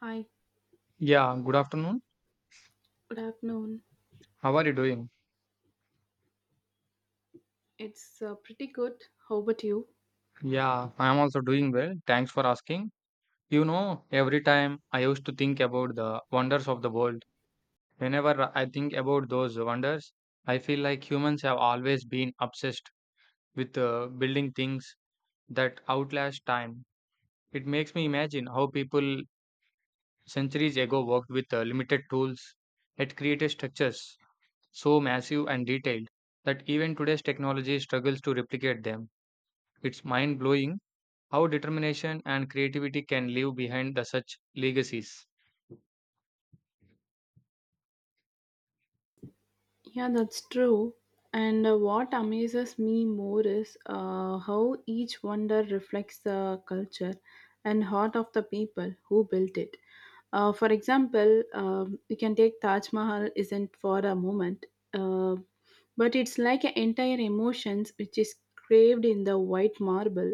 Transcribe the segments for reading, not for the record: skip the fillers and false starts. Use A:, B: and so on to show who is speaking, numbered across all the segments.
A: Hi,
B: Yeah, good afternoon.
A: good afternoon.
B: How are you doing?
A: It's pretty good. How about you?
B: Yeah, I am also doing well. Thanks for asking. You know, every time I used to think about the wonders of the world, whenever I think about those wonders, I feel like humans have always been obsessed with building things that outlast time. It makes me imagine how people centuries ago worked with limited tools yet created structures so massive and detailed that even today's technology struggles to replicate them. It's mind blowing. How determination and creativity can leave behind the such legacies.
A: Yeah, that's true. And what amazes me more is how each wonder reflects the culture and heart of the people who built it. For example, we can take Taj Mahal isn't for a moment, uh, but it's like an entire emotions which is craved in the white marble.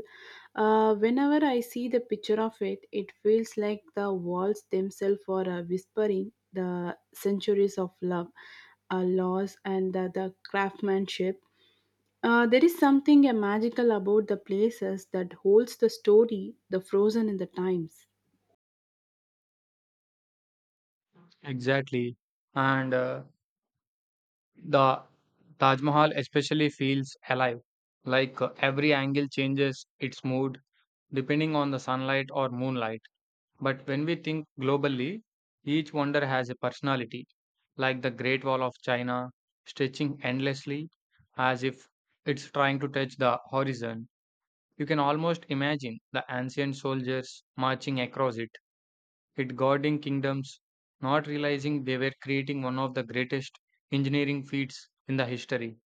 A: Whenever I see the picture of it, it feels like the walls themselves are whispering the centuries of love, loss, and the craftsmanship. There is something magical about the places that holds the story, the frozen in the times.
B: Exactly. And the Taj Mahal especially feels alive. Like every angle changes its mood depending on the sunlight or moonlight. But when we think globally, each wonder has a personality, like the Great Wall of China, stretching endlessly as if it's trying to touch the horizon. You can almost imagine the ancient soldiers marching across it guarding kingdoms, not realizing they were creating one of the greatest engineering feats in the history.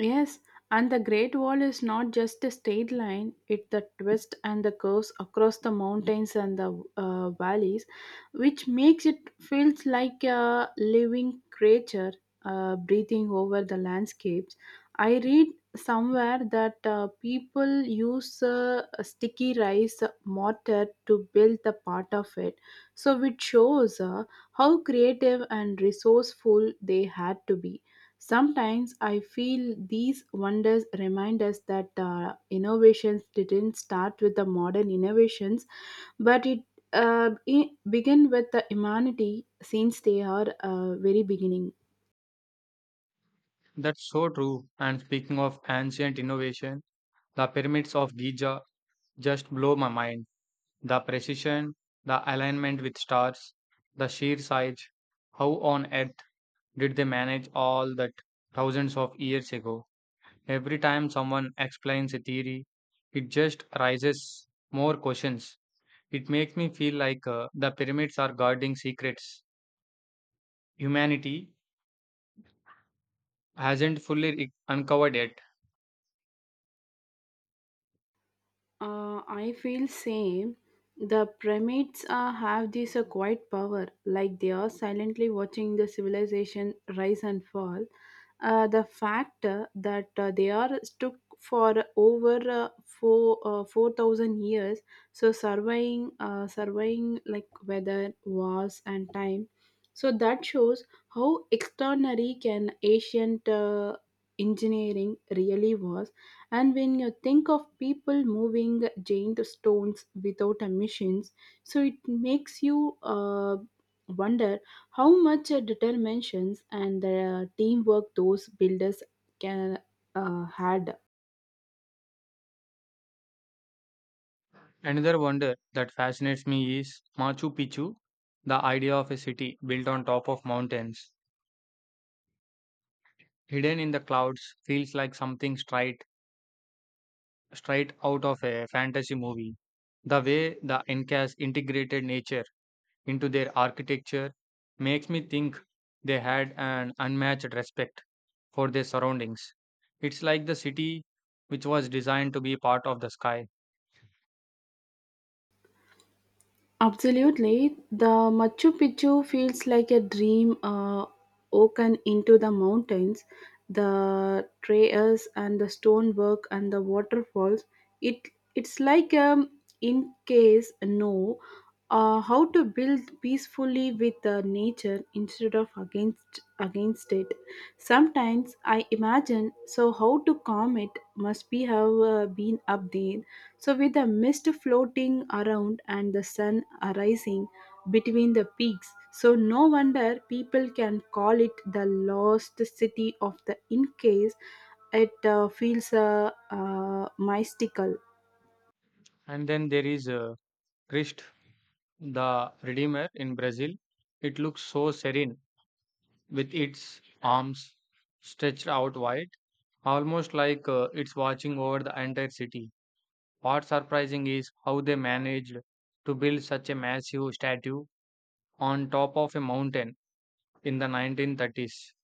A: Yes, and the Great Wall is not just a straight line, it's the twists and the curves across the mountains and the valleys, which makes it feels like a living creature breathing over the landscapes. I read somewhere that people use a sticky rice mortar to build the part of it, so it shows how creative and resourceful they had to be. Sometimes I feel these wonders remind us that innovations didn't start with the modern innovations, but it began with the humanity since they are very beginning.
B: That's so true. And speaking of ancient innovation, the pyramids of Giza just blow my mind. The precision, the alignment with stars, the sheer size. How on earth did they manage all that thousands of years ago? Every time someone explains a theory, it just raises more questions. It makes me feel like the pyramids are guarding secrets humanity hasn't fully uncovered yet.
A: I feel same. The pyramids have this quiet power, like they are silently watching the civilization rise and fall. The fact that they are stuck for over 4,000 years, so surveying like weather, wars, and time. So that shows how extraordinary can ancient engineering really was, and when you think of people moving giant stones without a machines, so it makes you wonder how much determinations and teamwork those builders can had.
B: Another wonder that fascinates me is Machu Picchu. The idea of a city built on top of mountains, hidden in the clouds, feels like something straight out of a fantasy movie. The way the Incas integrated nature into their architecture makes me think they had an unmatched respect for their surroundings. It's like the city which was designed to be part of the sky.
A: Absolutely. The Machu Picchu feels like a dream woken into the mountains. The trails and the stonework and the waterfalls. It it's like in case no, how to build peacefully with the nature instead of against it. Sometimes I imagine so how to calm it must be have been up there so, with the mist floating around and the sun arising between the peaks, so no wonder people can call it the lost city of the in case. It feels mystical.
B: And then there is Christ the Redeemer in Brazil. It looks so serene with its arms stretched out wide, almost like it's watching over the entire city. What's surprising is how they managed to build such a massive statue on top of a mountain in the 1930s.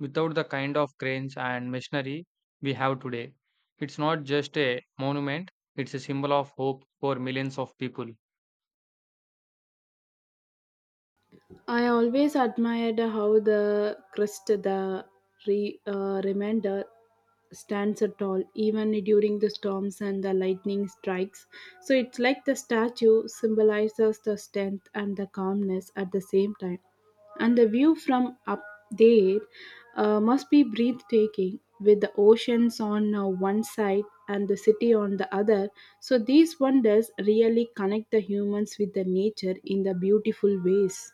B: Without the kind of cranes and machinery we have today, it's not just a monument, it's a symbol of hope for millions of people.
A: I always admired how the crest, the remainder, stands tall even during the storms and the lightning strikes. So it's like the statue symbolizes the strength and the calmness at the same time. And the view from up there must be breathtaking with the oceans on one side and the city on the other. So these wonders really connect the humans with the nature in the beautiful ways.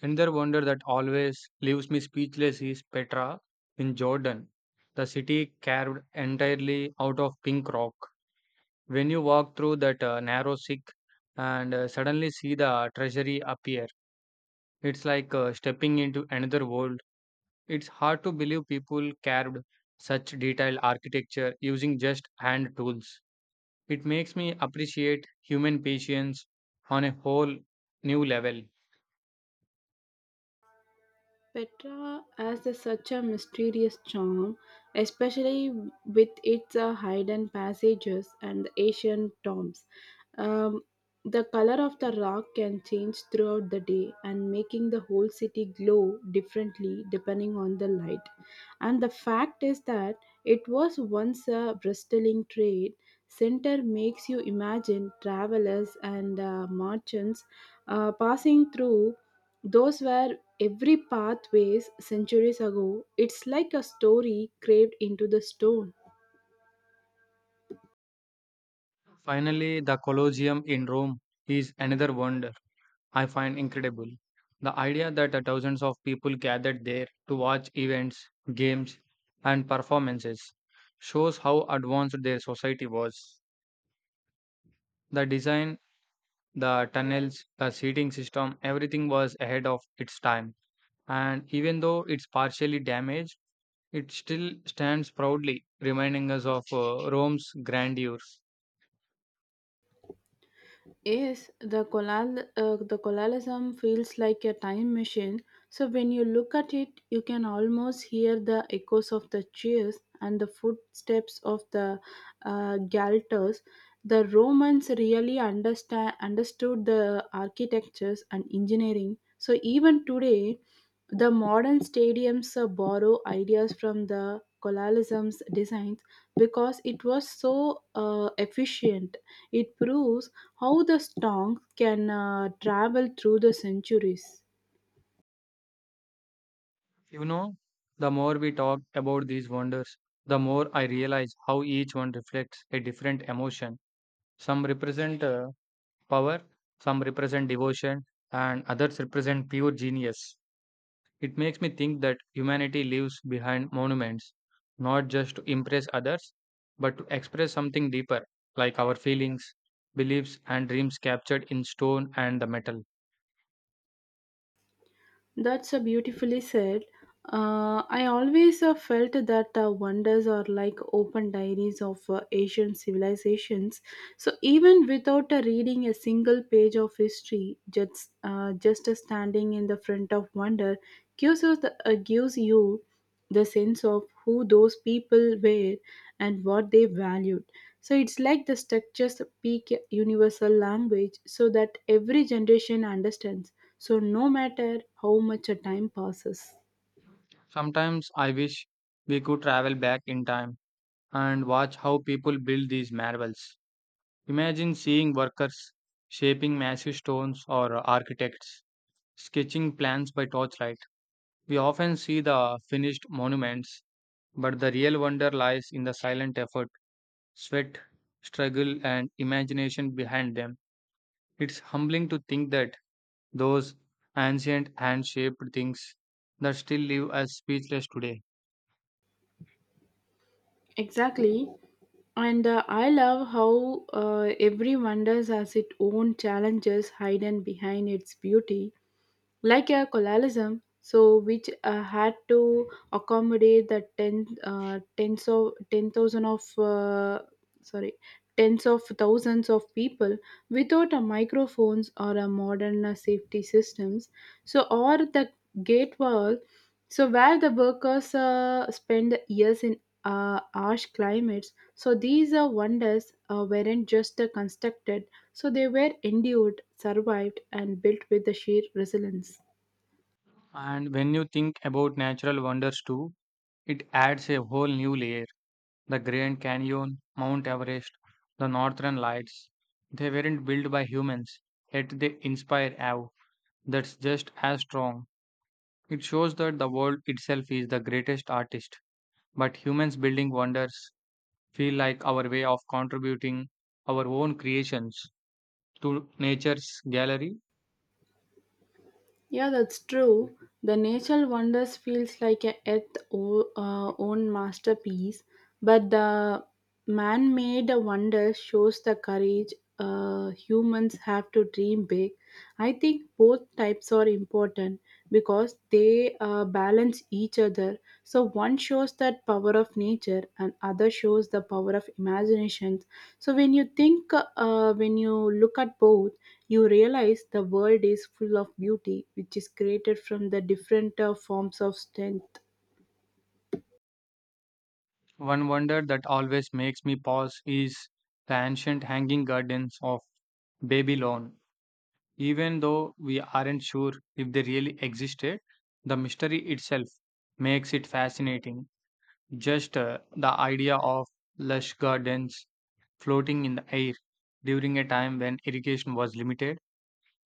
B: Another wonder that always leaves me speechless is Petra in Jordan, the city carved entirely out of pink rock. When you walk through that narrow sick and suddenly see the treasury appear, it's like stepping into another world. It's hard to believe people carved such detailed architecture using just hand tools. It makes me appreciate human patience on a whole new level.
A: Such a mysterious charm, especially with its hidden passages and the ancient tombs. Um, the color of the rock can change throughout the day and making the whole city glow differently depending on the light. And the fact is that it was once a bristling trade center makes you imagine travelers and merchants passing through those were every pathways centuries ago, it's like a story carved into the stone.
B: Finally, the Colosseum in Rome is another wonder I find incredible. The idea that the thousands of people gathered there to watch events, games, and performances shows how advanced their society was. The design, the tunnels, the seating system, everything was ahead of its time. And even though it's partially damaged, it still stands proudly, reminding us of Rome's grandeur.
A: Yes, the colonialism feels like a time machine. So when you look at it, you can almost hear the echoes of the cheers and the footsteps of the galters. The Romans really understand understood the architectures and engineering. So even today, the modern stadiums borrow ideas from the colonialism's designs because it was so efficient. It proves how the stonks can travel through the centuries.
B: You know, the more we talk about these wonders, the more I realize how each one reflects a different emotion. Some represent power, some represent devotion, and others represent pure genius. It makes me think that humanity leaves behind monuments, not just to impress others, but to express something deeper, like our feelings, beliefs, and dreams captured in stone and the metal.
A: That's a beautifully said. I always felt that wonders are like open diaries of Asian civilizations. So even without reading a single page of history, just standing in the front of wonder gives you the sense of who those people were and what they valued. So it's like the structures speak a universal language so that every generation understands. So no matter how much a time passes.
B: Sometimes I wish we could travel back in time and watch how people build these marvels. Imagine seeing workers shaping massive stones or architects sketching plans by torchlight. We often see the finished monuments, but the real wonder lies in the silent effort, sweat, struggle, and imagination behind them. It's humbling to think that those ancient hand shaped things that still live as speechless today.
A: Exactly. And I love how every wonders has its own challenges hidden behind its beauty, like a colonialism so which had to accommodate the 10 uh, tens of 10 so 10,000 of sorry tens of thousands of people without a microphones or a modern safety systems, so or the gate wall so where the workers spend years in harsh climates, so these wonders weren't just constructed, so they were endured survived and built with the sheer resilience.
B: And when you think about natural wonders too, it adds a whole new layer. The Grand Canyon, Mount Everest, the Northern Lights. They weren't built by humans, yet they inspire awe that's just as strong. It shows that the world itself is the greatest artist, but humans building wonders feel like our way of contributing our own creations to nature's gallery.
A: Yeah, that's true. The natural wonders feels like a Earth o- own masterpiece, but the man-made wonder shows the courage humans have to dream big. I think both types are important because they balance each other. So one shows that power of nature, and other shows the power of imagination. So when you look at both, you realize the world is full of beauty, which is created from the different forms of strength.
B: One wonder that always makes me pause is the ancient hanging gardens of Babylon. Even though we aren't sure if they really existed, the mystery itself makes it fascinating. Just the idea of lush gardens floating in the air during a time when irrigation was limited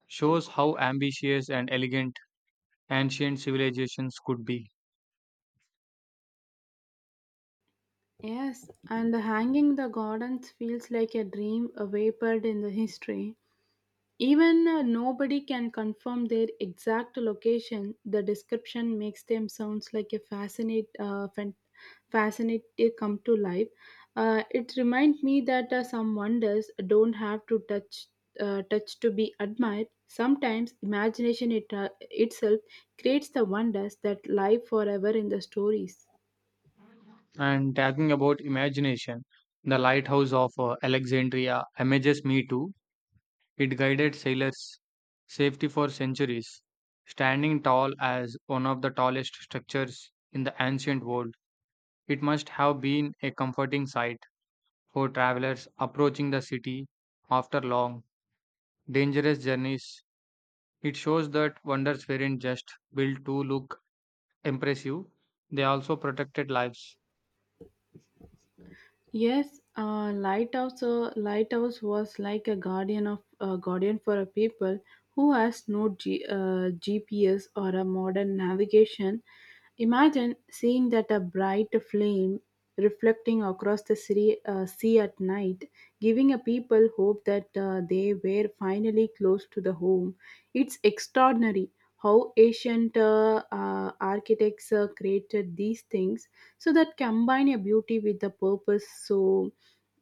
B: shows how ambitious and elegant ancient civilizations could be.
A: Yes, and the hanging the gardens feels like a dream vapored in the history. Even nobody can confirm their exact location, the description makes them sounds like a fascinate they come to life. It reminds me that some wonders don't have to touch to be admired. Sometimes itself creates the wonders that live forever in the stories.
B: And talking about imagination, the lighthouse of Alexandria images me too. It guided sailors' safety for centuries, standing tall as one of the tallest structures in the ancient world. It must have been a comforting sight for travelers approaching the city after long, dangerous journeys. It shows that wonders weren't just built to look impressive, they also protected lives.
A: Yes, lighthouse was like a guardian for a people who has no GPS or a modern navigation. Imagine seeing that a bright flame reflecting across the sea at night, giving a people hope that they were finally close to the home. It's extraordinary how ancient architects created these things so that combine your beauty with the purpose so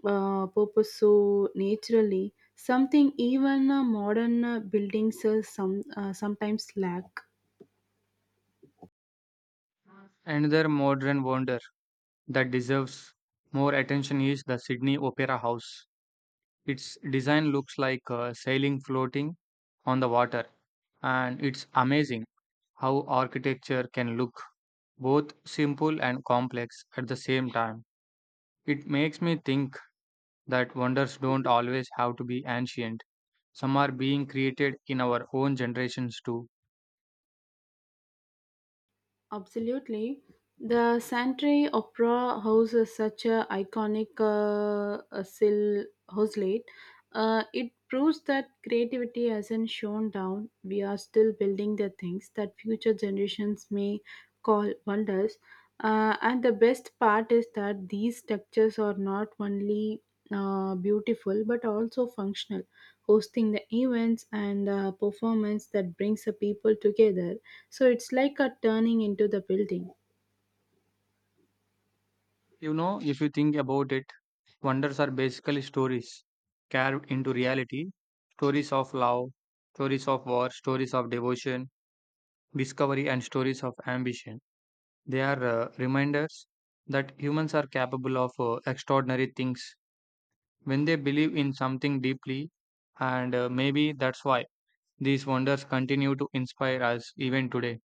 A: uh, purpose so naturally, something even modern buildings sometimes lack.
B: Another modern wonder that deserves more attention is the Sydney Opera House. Its design looks like a sailing floating on the water, and it's amazing how architecture can look both simple and complex at the same time. It makes me think that wonders don't always have to be ancient. Some are being created in our own generations too.
A: Absolutely. The Santry Opera House is such a houselet. It proves that creativity hasn't shown down. We are still building the things that future generations may call wonders. And the best part is that these structures are not only beautiful but also functional, hosting the events and performance that brings the people together. So it's like a turning into the building.
B: You know, if you think about it, wonders are basically stories carved into reality, stories of love, stories of war, stories of devotion, discovery, and stories of ambition. They are reminders that humans are capable of extraordinary things when they believe in something deeply, and maybe that's why these wonders continue to inspire us even today.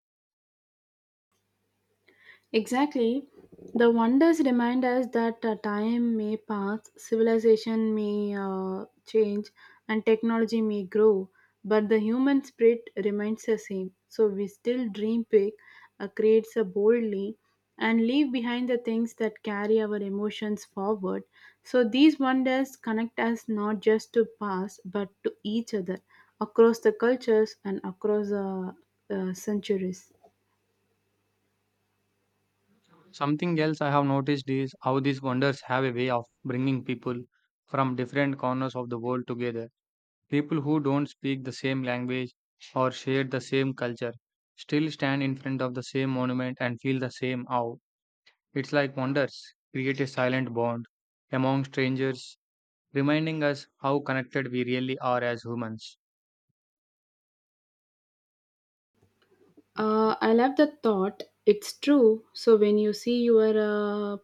A: Exactly. The wonders remind us that time may pass, civilization may change, and technology may grow, but the human spirit remains the same. So we still dream big, create so boldly, and leave behind the things that carry our emotions forward. So these wonders connect us not just to past, but to each other across the cultures and across the centuries.
B: Something else I have noticed is how these wonders have a way of bringing people from different corners of the world together. People who don't speak the same language or share the same culture still stand in front of the same monument and feel the same awe. It's like wonders create a silent bond among strangers, reminding us how connected we really are as humans.
A: I love the thought. It's true. So when you see your uh, a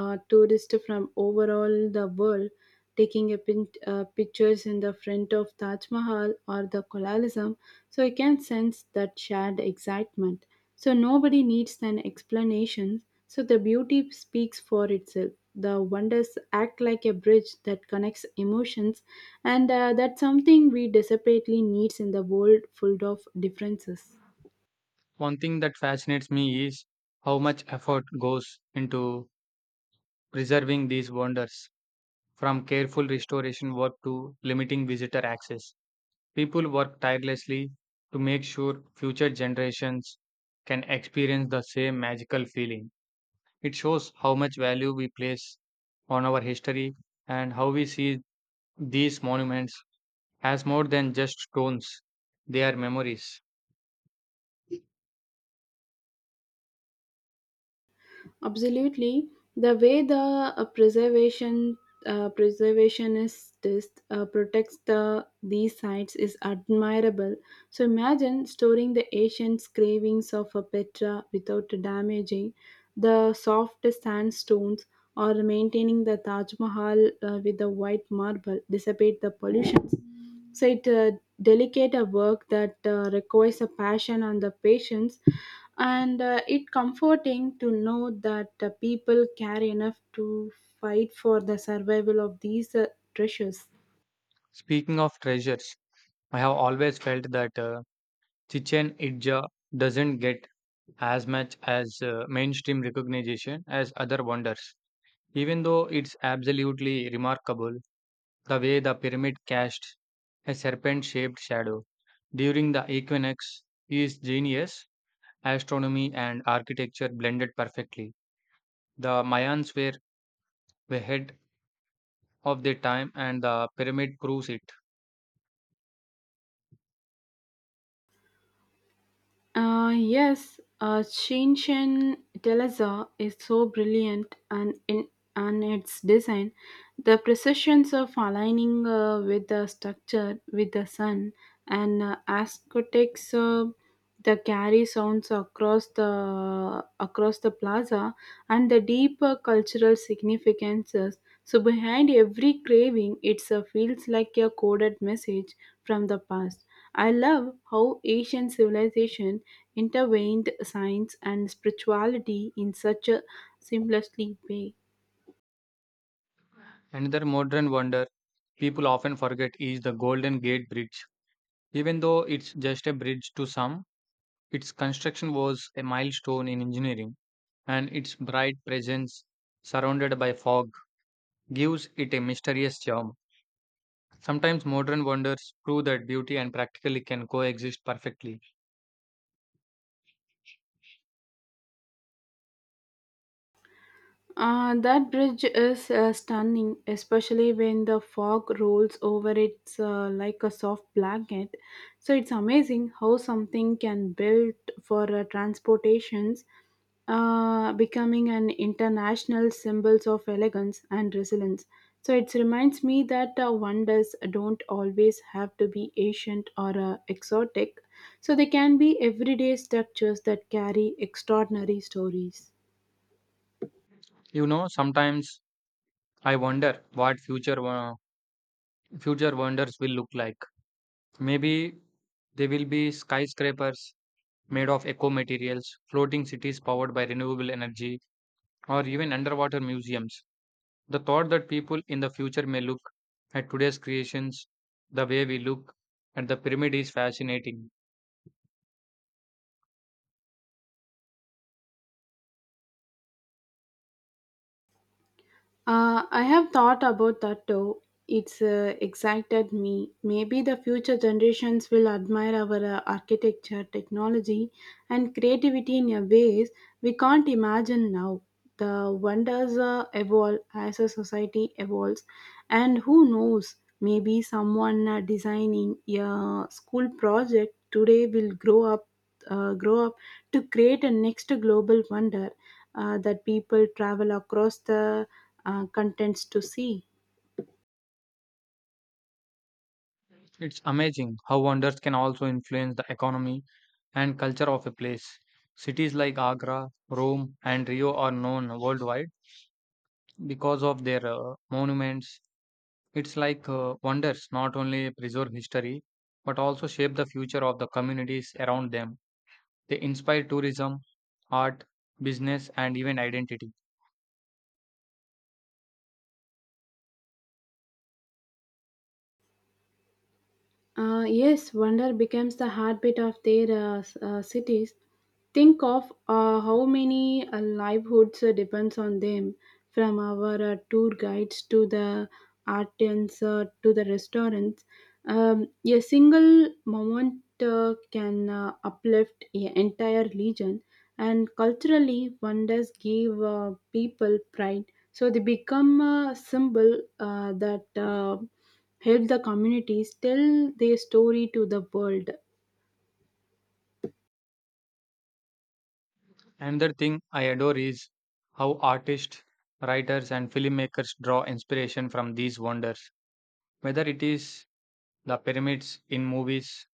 A: a tourist from overall the world taking a pictures in the front of Taj Mahal or the colonialism, so you can sense that shared excitement. So nobody needs an explanation. So the beauty speaks for itself. The wonders act like a bridge that connects emotions, and that's something we desperately needs in the world full of differences.
B: One thing that fascinates me is how much effort goes into preserving these wonders, from careful restoration work to limiting visitor access. People work tirelessly to make sure future generations can experience the same magical feeling. It shows how much value we place on our history and how we see these monuments as more than just stones, they are memories.
A: Absolutely, the way the uh, preservation preservationist protects the these sites is admirable. So imagine storing the ancient carvings of a Petra without damaging the soft sandstones or maintaining the Taj Mahal with the white marble dissipate the pollutions, so it delicate a work that requires a passion and the patience, and it comforting to know that people care enough to fight for the survival of these treasures.
B: Speaking of treasures, I have always felt that Chichen Itza doesn't get as much as mainstream recognition as other wonders, even though it's absolutely remarkable. The way the pyramid cast a serpent shaped shadow during the equinox is genius. Astronomy and architecture blended perfectly. The Mayans were ahead of their time and the pyramid proves it.
A: Yes, Shinshin Delaza is so brilliant and in and its design, the precisions of aligning with the structure with the sun and aesthetics the carry sounds across the plaza and the deeper cultural significances. So behind every craving, it feels like a coded message from the past. I love how ancient civilization intervened science and spirituality in such a seamlessly way.
B: Another modern wonder people often forget is the Golden Gate Bridge. Even though it's just a bridge to some, its construction was a milestone in engineering and its bright presence surrounded by fog gives it a mysterious charm. Sometimes modern wonders prove that beauty and practically can coexist perfectly.
A: That bridge is stunning, especially when the fog rolls over it like a soft blanket. So it's amazing how something can build for transportations, becoming an international symbols of elegance and resilience. So it reminds me that wonders don't always have to be ancient or exotic. So they can be everyday structures that carry extraordinary stories.
B: You know, sometimes I wonder what future wonders will look like. Maybe they will be skyscrapers made of eco materials, floating cities powered by renewable energy, or even underwater museums. The thought that people in the future may look at today's creations the way we look at the pyramid is fascinating.
A: I have thought about that too. It's excited me. Maybe the future generations will admire our architecture, technology, and creativity in a ways we can't imagine now. The wonders evolve as a society evolves, and who knows? Maybe someone designing a school project today will grow up to create a next global wonder that people travel across the contents to see.
B: It's amazing how wonders can also influence the economy and culture of a place. Cities like Agra, Rome, and Rio are known worldwide because of their monuments. It's like wonders not only preserve history but also shape the future of the communities around them. They inspire tourism, art, business, and even identity.
A: Yes, wonder becomes the heartbeat of their cities. Think of how many livelihoods depends on them, from our tour guides to the artisans to the restaurants. A single moment can uplift an entire region, and culturally, wonders give people pride. So they become a symbol that help the communities tell their story to the world.
B: Another thing I adore is how artists, writers, and filmmakers draw inspiration from these wonders, whether it is the pyramids in movies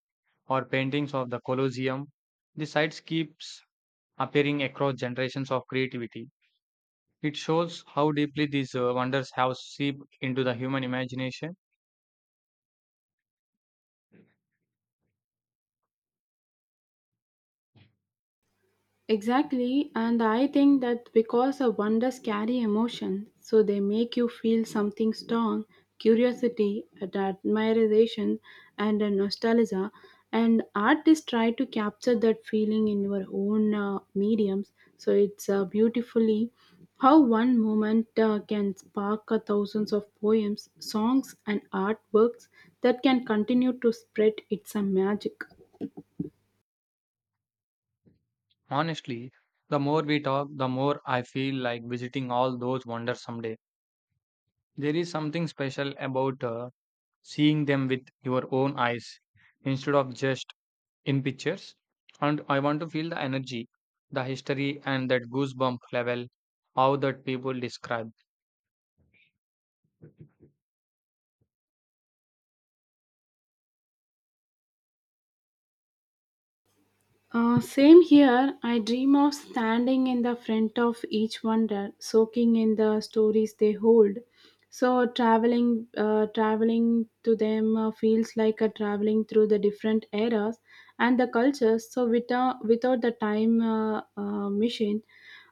B: or paintings of the Colosseum. The sites keeps appearing across generations of creativity. It shows how deeply these wonders have seeped into the human imagination.
A: Exactly, and I think that because the wonders carry emotion, so they make you feel something strong, curiosity, and admiration, and a nostalgia. And artists try to capture that feeling in your own mediums. So it's beautifully how one moment can spark thousands of poems, songs, and artworks that can continue to spread its magic.
B: Honestly, the more we talk, the more I feel like visiting all those wonders someday. There is something special about seeing them with your own eyes instead of just in pictures. And I want to feel the energy, the history, and that goosebump level how that people describe.
A: Same here. I dream of standing in the front of each wonder, soaking in the stories they hold. So traveling to them feels like a traveling through the different eras and the cultures. So without the time machine,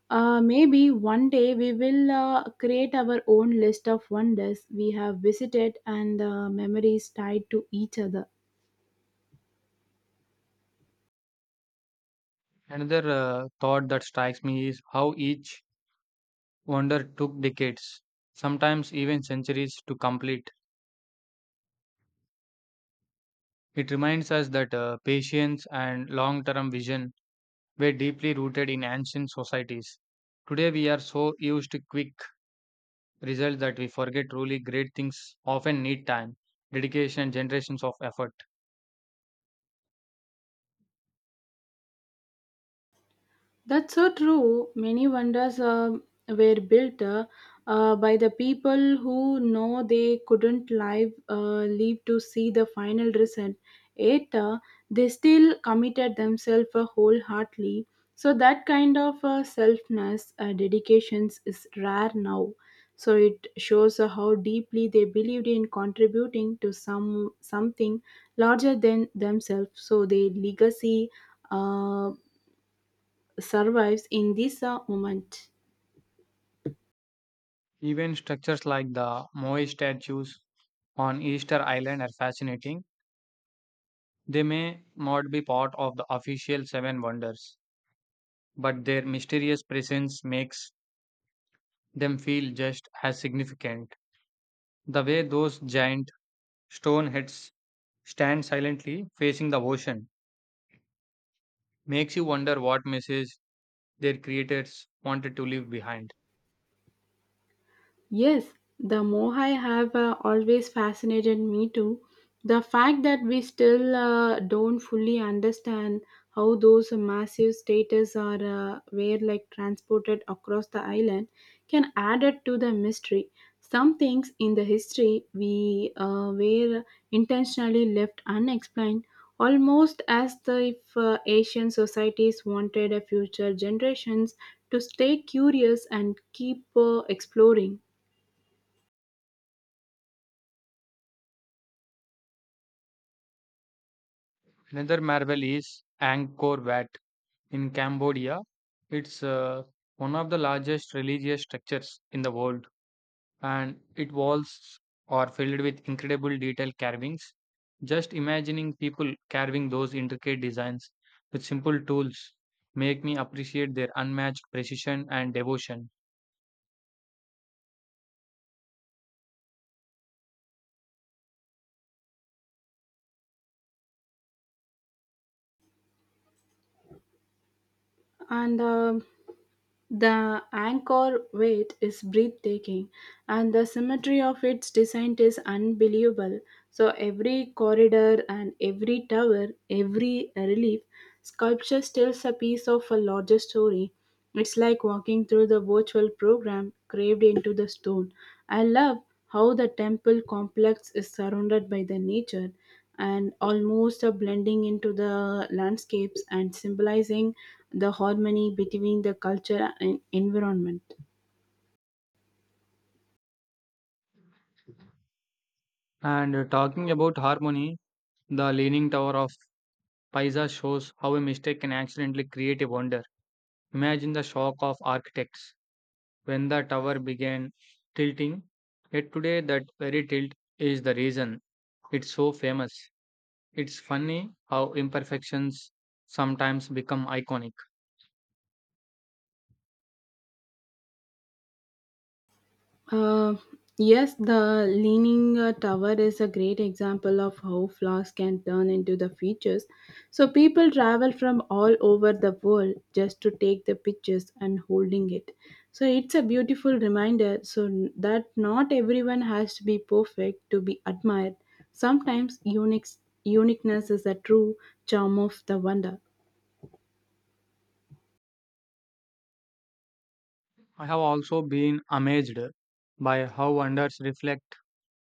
A: maybe one day we will create our own list of wonders we have visited and memories tied to each other.
B: Another thought that strikes me is how each wonder took decades, sometimes even centuries, to complete. It reminds us that patience and long term vision were deeply rooted in ancient societies. Today, we are so used to quick results that we forget truly great things often need time, dedication, and generations of effort.
A: That's so true. Many wonders were built by the people who know they couldn't live to see the final result. Yet they still committed themselves wholeheartedly. So that kind of selfness, dedications is rare now. So it shows how deeply they believed in contributing to something larger than themselves. So their legacy. Uh, survives in this moment.
B: Even structures like the Moai statues on Easter Island are fascinating. They may not be part of the official seven wonders but their mysterious presence makes them feel just as significant. The way those giant stone heads stand silently facing the ocean makes you wonder what message their creators wanted to leave behind.
A: Yes, the Mohai have always fascinated me too. The fact that we still don't fully understand how those massive status are were like transported across the island can add it to the mystery. Some things in the history we were intentionally left unexplained, almost as the, if Asian societies wanted a future generations to stay curious and keep exploring.
B: Another marvel is Angkor Wat in Cambodia. It's one of the largest religious structures in the world and it walls are filled with incredible detail carvings. Just imagining people carving those intricate designs with simple tools make me appreciate their unmatched precision and devotion.
A: And the anchor weight is breathtaking, and the symmetry of its design is unbelievable. So every corridor and every tower, every relief sculpture tells a piece of a larger story. It's like walking through the virtual program carved into the stone. I love how the temple complex is surrounded by the nature and almost a blending into the landscapes and symbolizing the harmony between the culture and environment.
B: And talking about harmony, the Leaning Tower of Pisa shows how a mistake can accidentally create a wonder. Imagine the shock of architects when the tower began tilting, yet today that very tilt is the reason it's so famous. It's funny how imperfections sometimes become iconic.
A: Uh, yes, the Leaning Tower is a great example of how flaws can turn into the features. So people travel from all over the world just to take the pictures and holding it. So it's a beautiful reminder that not everyone has to be perfect to be admired. Sometimes uniqueness is the true charm of the wonder.
B: I have also been amazed by how wonders reflect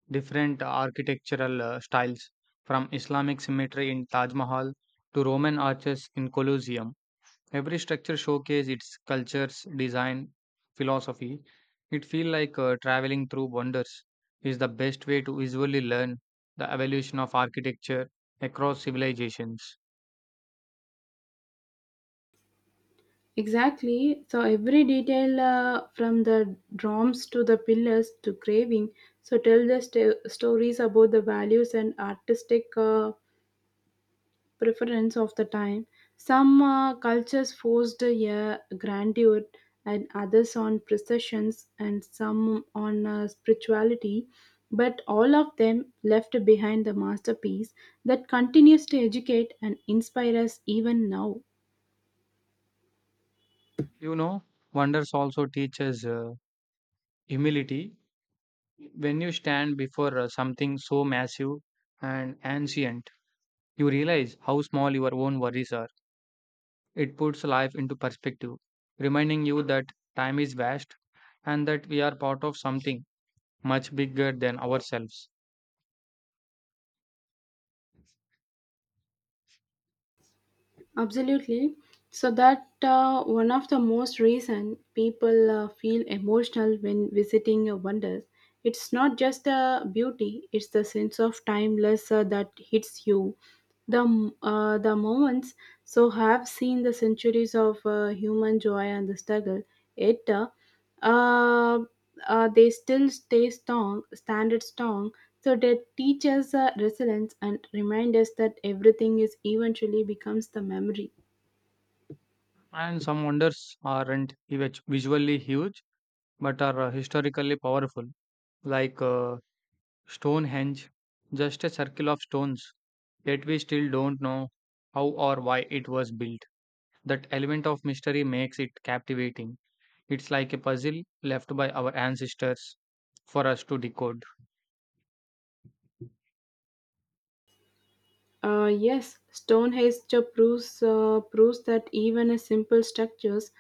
B: different architectural styles, from Islamic symmetry in Taj Mahal to Roman arches in Colosseum. Every structure showcases its culture's design philosophy. It feels like traveling through wonders is the best way to visually learn the evolution of architecture across civilizations.
A: Exactly. So every detail from the drums to the pillars to carving, so tell the stories about the values and artistic preference of the time. Some cultures forced a grandeur and others on processions and some on spirituality, but all of them left behind the masterpiece that continues to educate and inspire us even now.
B: You know, wonders also teaches humility. When you stand before something so massive and ancient, you realize how small your own worries are. It puts life into perspective, reminding you that time is vast and that we are part of something much bigger than ourselves.
A: Absolutely. So that one of the most reason people feel emotional when visiting wonders. It's not just the beauty; it's the sense of timeless that hits you. The the moments so have seen the centuries of human joy and the struggle. It uh, they still stay strong, standard strong. So they teach us resilience and remind us that everything is eventually becomes the memory.
B: And some wonders aren't visually huge but are historically powerful, like Stonehenge, just a circle of stones, yet we still don't know how or why it was built. That element of mystery makes it captivating. It's like a puzzle left by our ancestors for us to decode.
A: Yes, Stonehenge proves that even a simple structures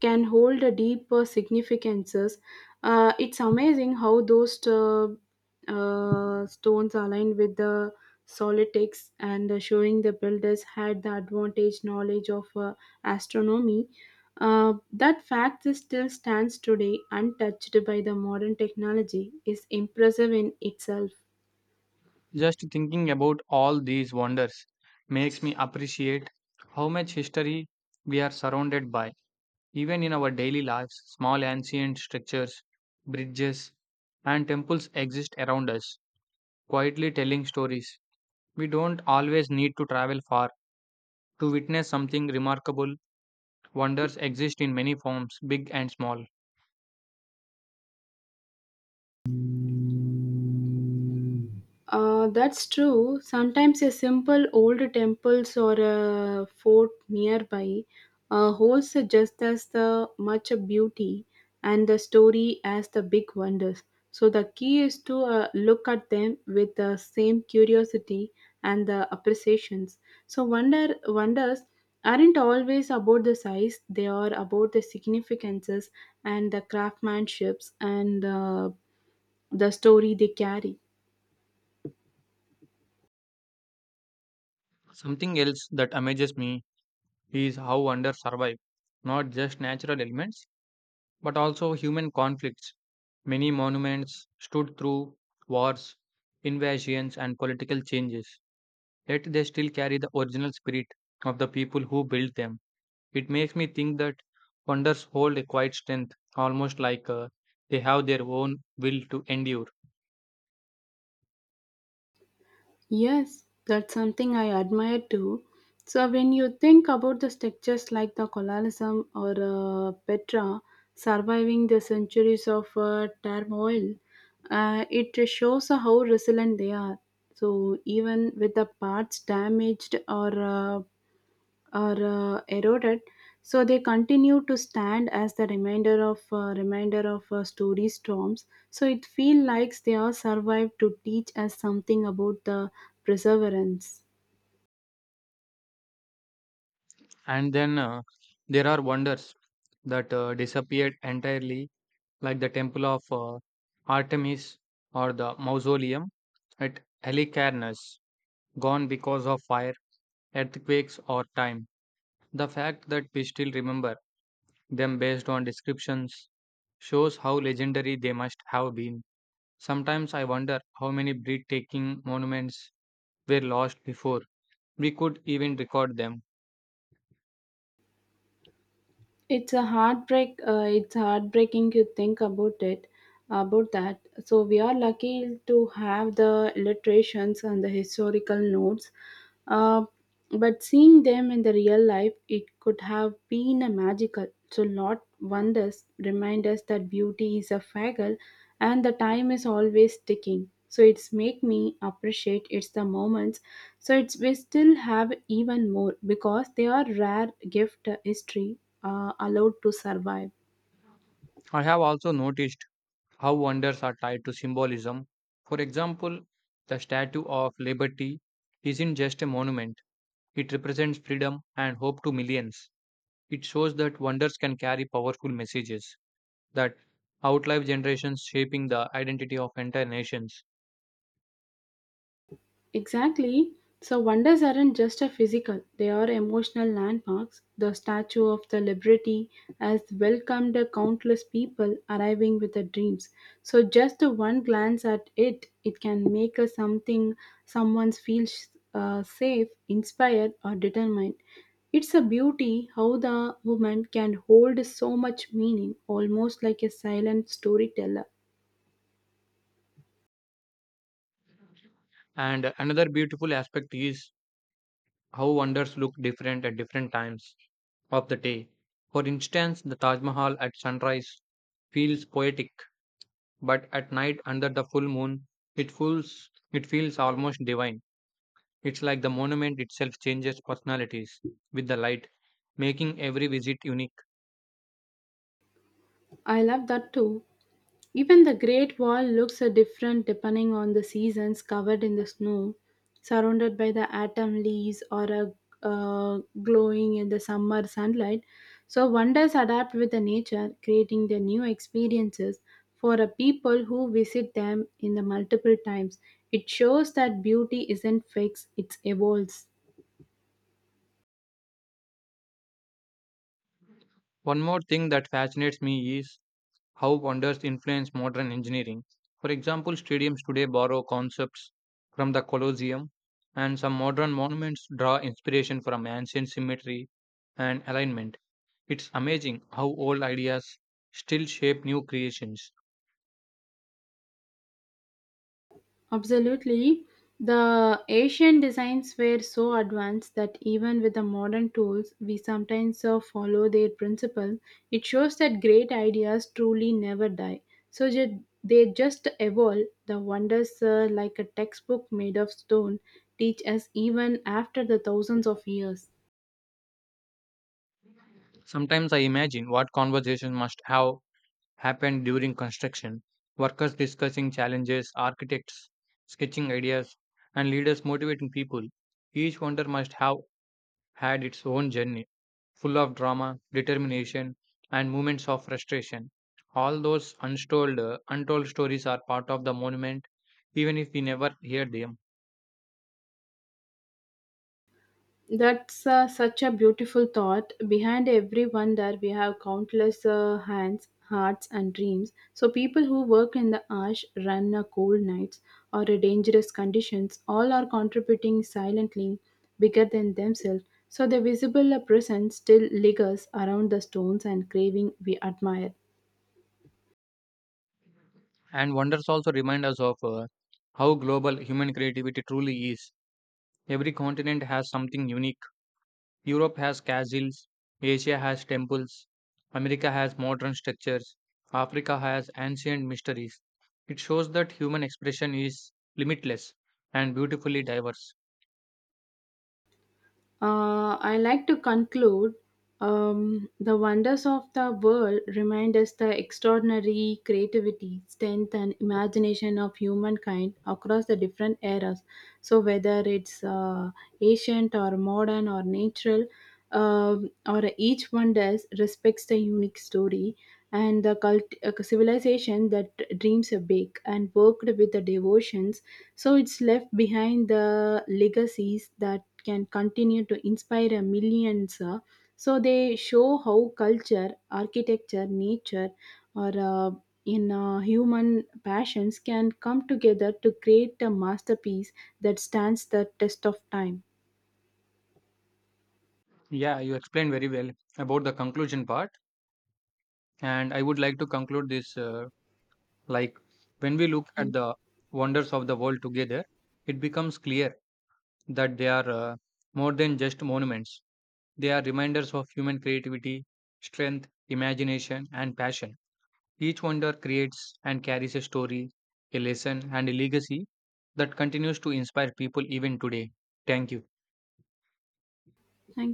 A: can hold a deeper significances. It's amazing how those stones align with the solitics and showing the builders had the advantage knowledge of astronomy. That fact is still stands today untouched by the modern technology is impressive in itself.
B: Just thinking about all these wonders makes me appreciate how much history we are surrounded by. Even in our daily lives, small ancient structures, bridges, and temples exist around us, quietly telling stories. We don't always need to travel far to witness something remarkable. Wonders exist in many forms, big and small.
A: That's true. Sometimes a simple old temples or a fort nearby holds just as the much beauty and the story as the big wonders. So the key is to look at them with the same curiosity and the appreciations. So wonders aren't always about the size; they are about the significances and the craftsmanships and the story they carry.
B: Something else that amazes me is how wonders survive, not just natural elements, but also human conflicts. Many monuments stood through wars, invasions, and political changes, yet they still carry the original spirit of the people who built them. It makes me think that wonders hold a quiet strength, almost like they have their own will to endure.
A: Yes, that's something I admire too. So when you think about the structures like the colonialism or Petra surviving the centuries of turmoil, it shows how resilient they are. So even with the parts damaged or are eroded, so they continue to stand as the reminder of story storms. So it feels like they are survived to teach us something about the perseverance.
B: And then there are wonders that disappeared entirely, like the temple of Artemis or the mausoleum at Halicarnas, gone because of fire, earthquakes, or time. The fact that we still remember them based on descriptions shows how legendary they must have been. Sometimes I wonder how many breathtaking monuments were lost before we could even record them.
A: It's a heartbreak uh, it's heartbreaking to think about it about that. So we are lucky to have the illustrations and the historical notes. Uh, but seeing them in the real life, it could have been a magical. So Lord wonders remind us that beauty is a faggle and the time is always ticking. So it's make me appreciate it's the moments. So it's we still have even more because they are rare gift history allowed to survive.
B: I have also noticed how wonders are tied to symbolism. For example, the Statue of Liberty isn't just a monument, it represents freedom and hope to millions. It shows that wonders can carry powerful messages that outlive generations, shaping the identity of entire nations.
A: Exactly. So wonders aren't just a physical, they are emotional landmarks. The Statue of the Liberty has welcomed countless people arriving with their dreams. So just the one glance at it, it can make a something someone feels safe, inspired or determined. It's a beauty how the woman can hold so much meaning, almost like a silent storyteller.
B: And another beautiful aspect is how wonders look different at different times of the day. For instance, the Taj Mahal at sunrise feels poetic but at night under the full moon, it feels almost divine. It's like the monument itself changes personalities with the light, making every visit unique.
A: I love that too. Even the Great Wall looks a different depending on the seasons covered in the snow, surrounded by the autumn leaves or a glowing in the summer sunlight. So wonders adapt with the nature, creating the new experiences for a people who visit them in the multiple times. It shows that beauty isn't fixed, it evolves.
B: One more thing that fascinates me is how wonders influence modern engineering. For example, stadiums today borrow concepts from the Colosseum, and some modern monuments draw inspiration from ancient symmetry and alignment. It's amazing how old ideas still shape new creations.
A: Absolutely. The Asian designs were so advanced that even with the modern tools, we sometimes follow their principle. It shows that great ideas truly never die. So they just evolve. The wonders, like a textbook made of stone, teach us even after the thousands of years.
B: Sometimes I imagine what conversation must have happened during construction, workers discussing challenges, architects sketching ideas, and leaders motivating people. Each wonder must have had its own journey, full of drama, determination, and moments of frustration. All those untold stories are part of the monument, even if we never hear them.
A: That's such a beautiful thought. Behind every wonder, we have countless hands, hearts, and dreams. So, people who work in the ash, run cold nights, or dangerous conditions, all are contributing silently, bigger than themselves. So, the visible presence still lingers around the stones and craving we admire.
B: And wonders also remind us of how global human creativity truly is. Every continent has something unique. Europe has castles, Asia has temples, America has modern structures, Africa has ancient mysteries. It shows that human expression is limitless and beautifully diverse.
A: I like to conclude the wonders of the world remind us the extraordinary creativity, strength, and imagination of humankind across the different eras. So, whether it's ancient or modern or natural, or each wonder respects the unique story and the civilization that dreams are big and worked with the devotions. So, it's left behind the legacies that can continue to inspire millions. So they show how culture, architecture, nature, or in human passions can come together to create a masterpiece that stands the test of time.
B: Yeah, you explained very well about the conclusion part, and I would like to conclude this like when we look
A: Yeah.
B: at the wonders of the world together, it becomes clear that they are more than just monuments. They are reminders of human creativity, strength, imagination, and passion. Each wonder creates and carries a story, a lesson, and a legacy that continues to inspire people even today. Thank you.
A: Thank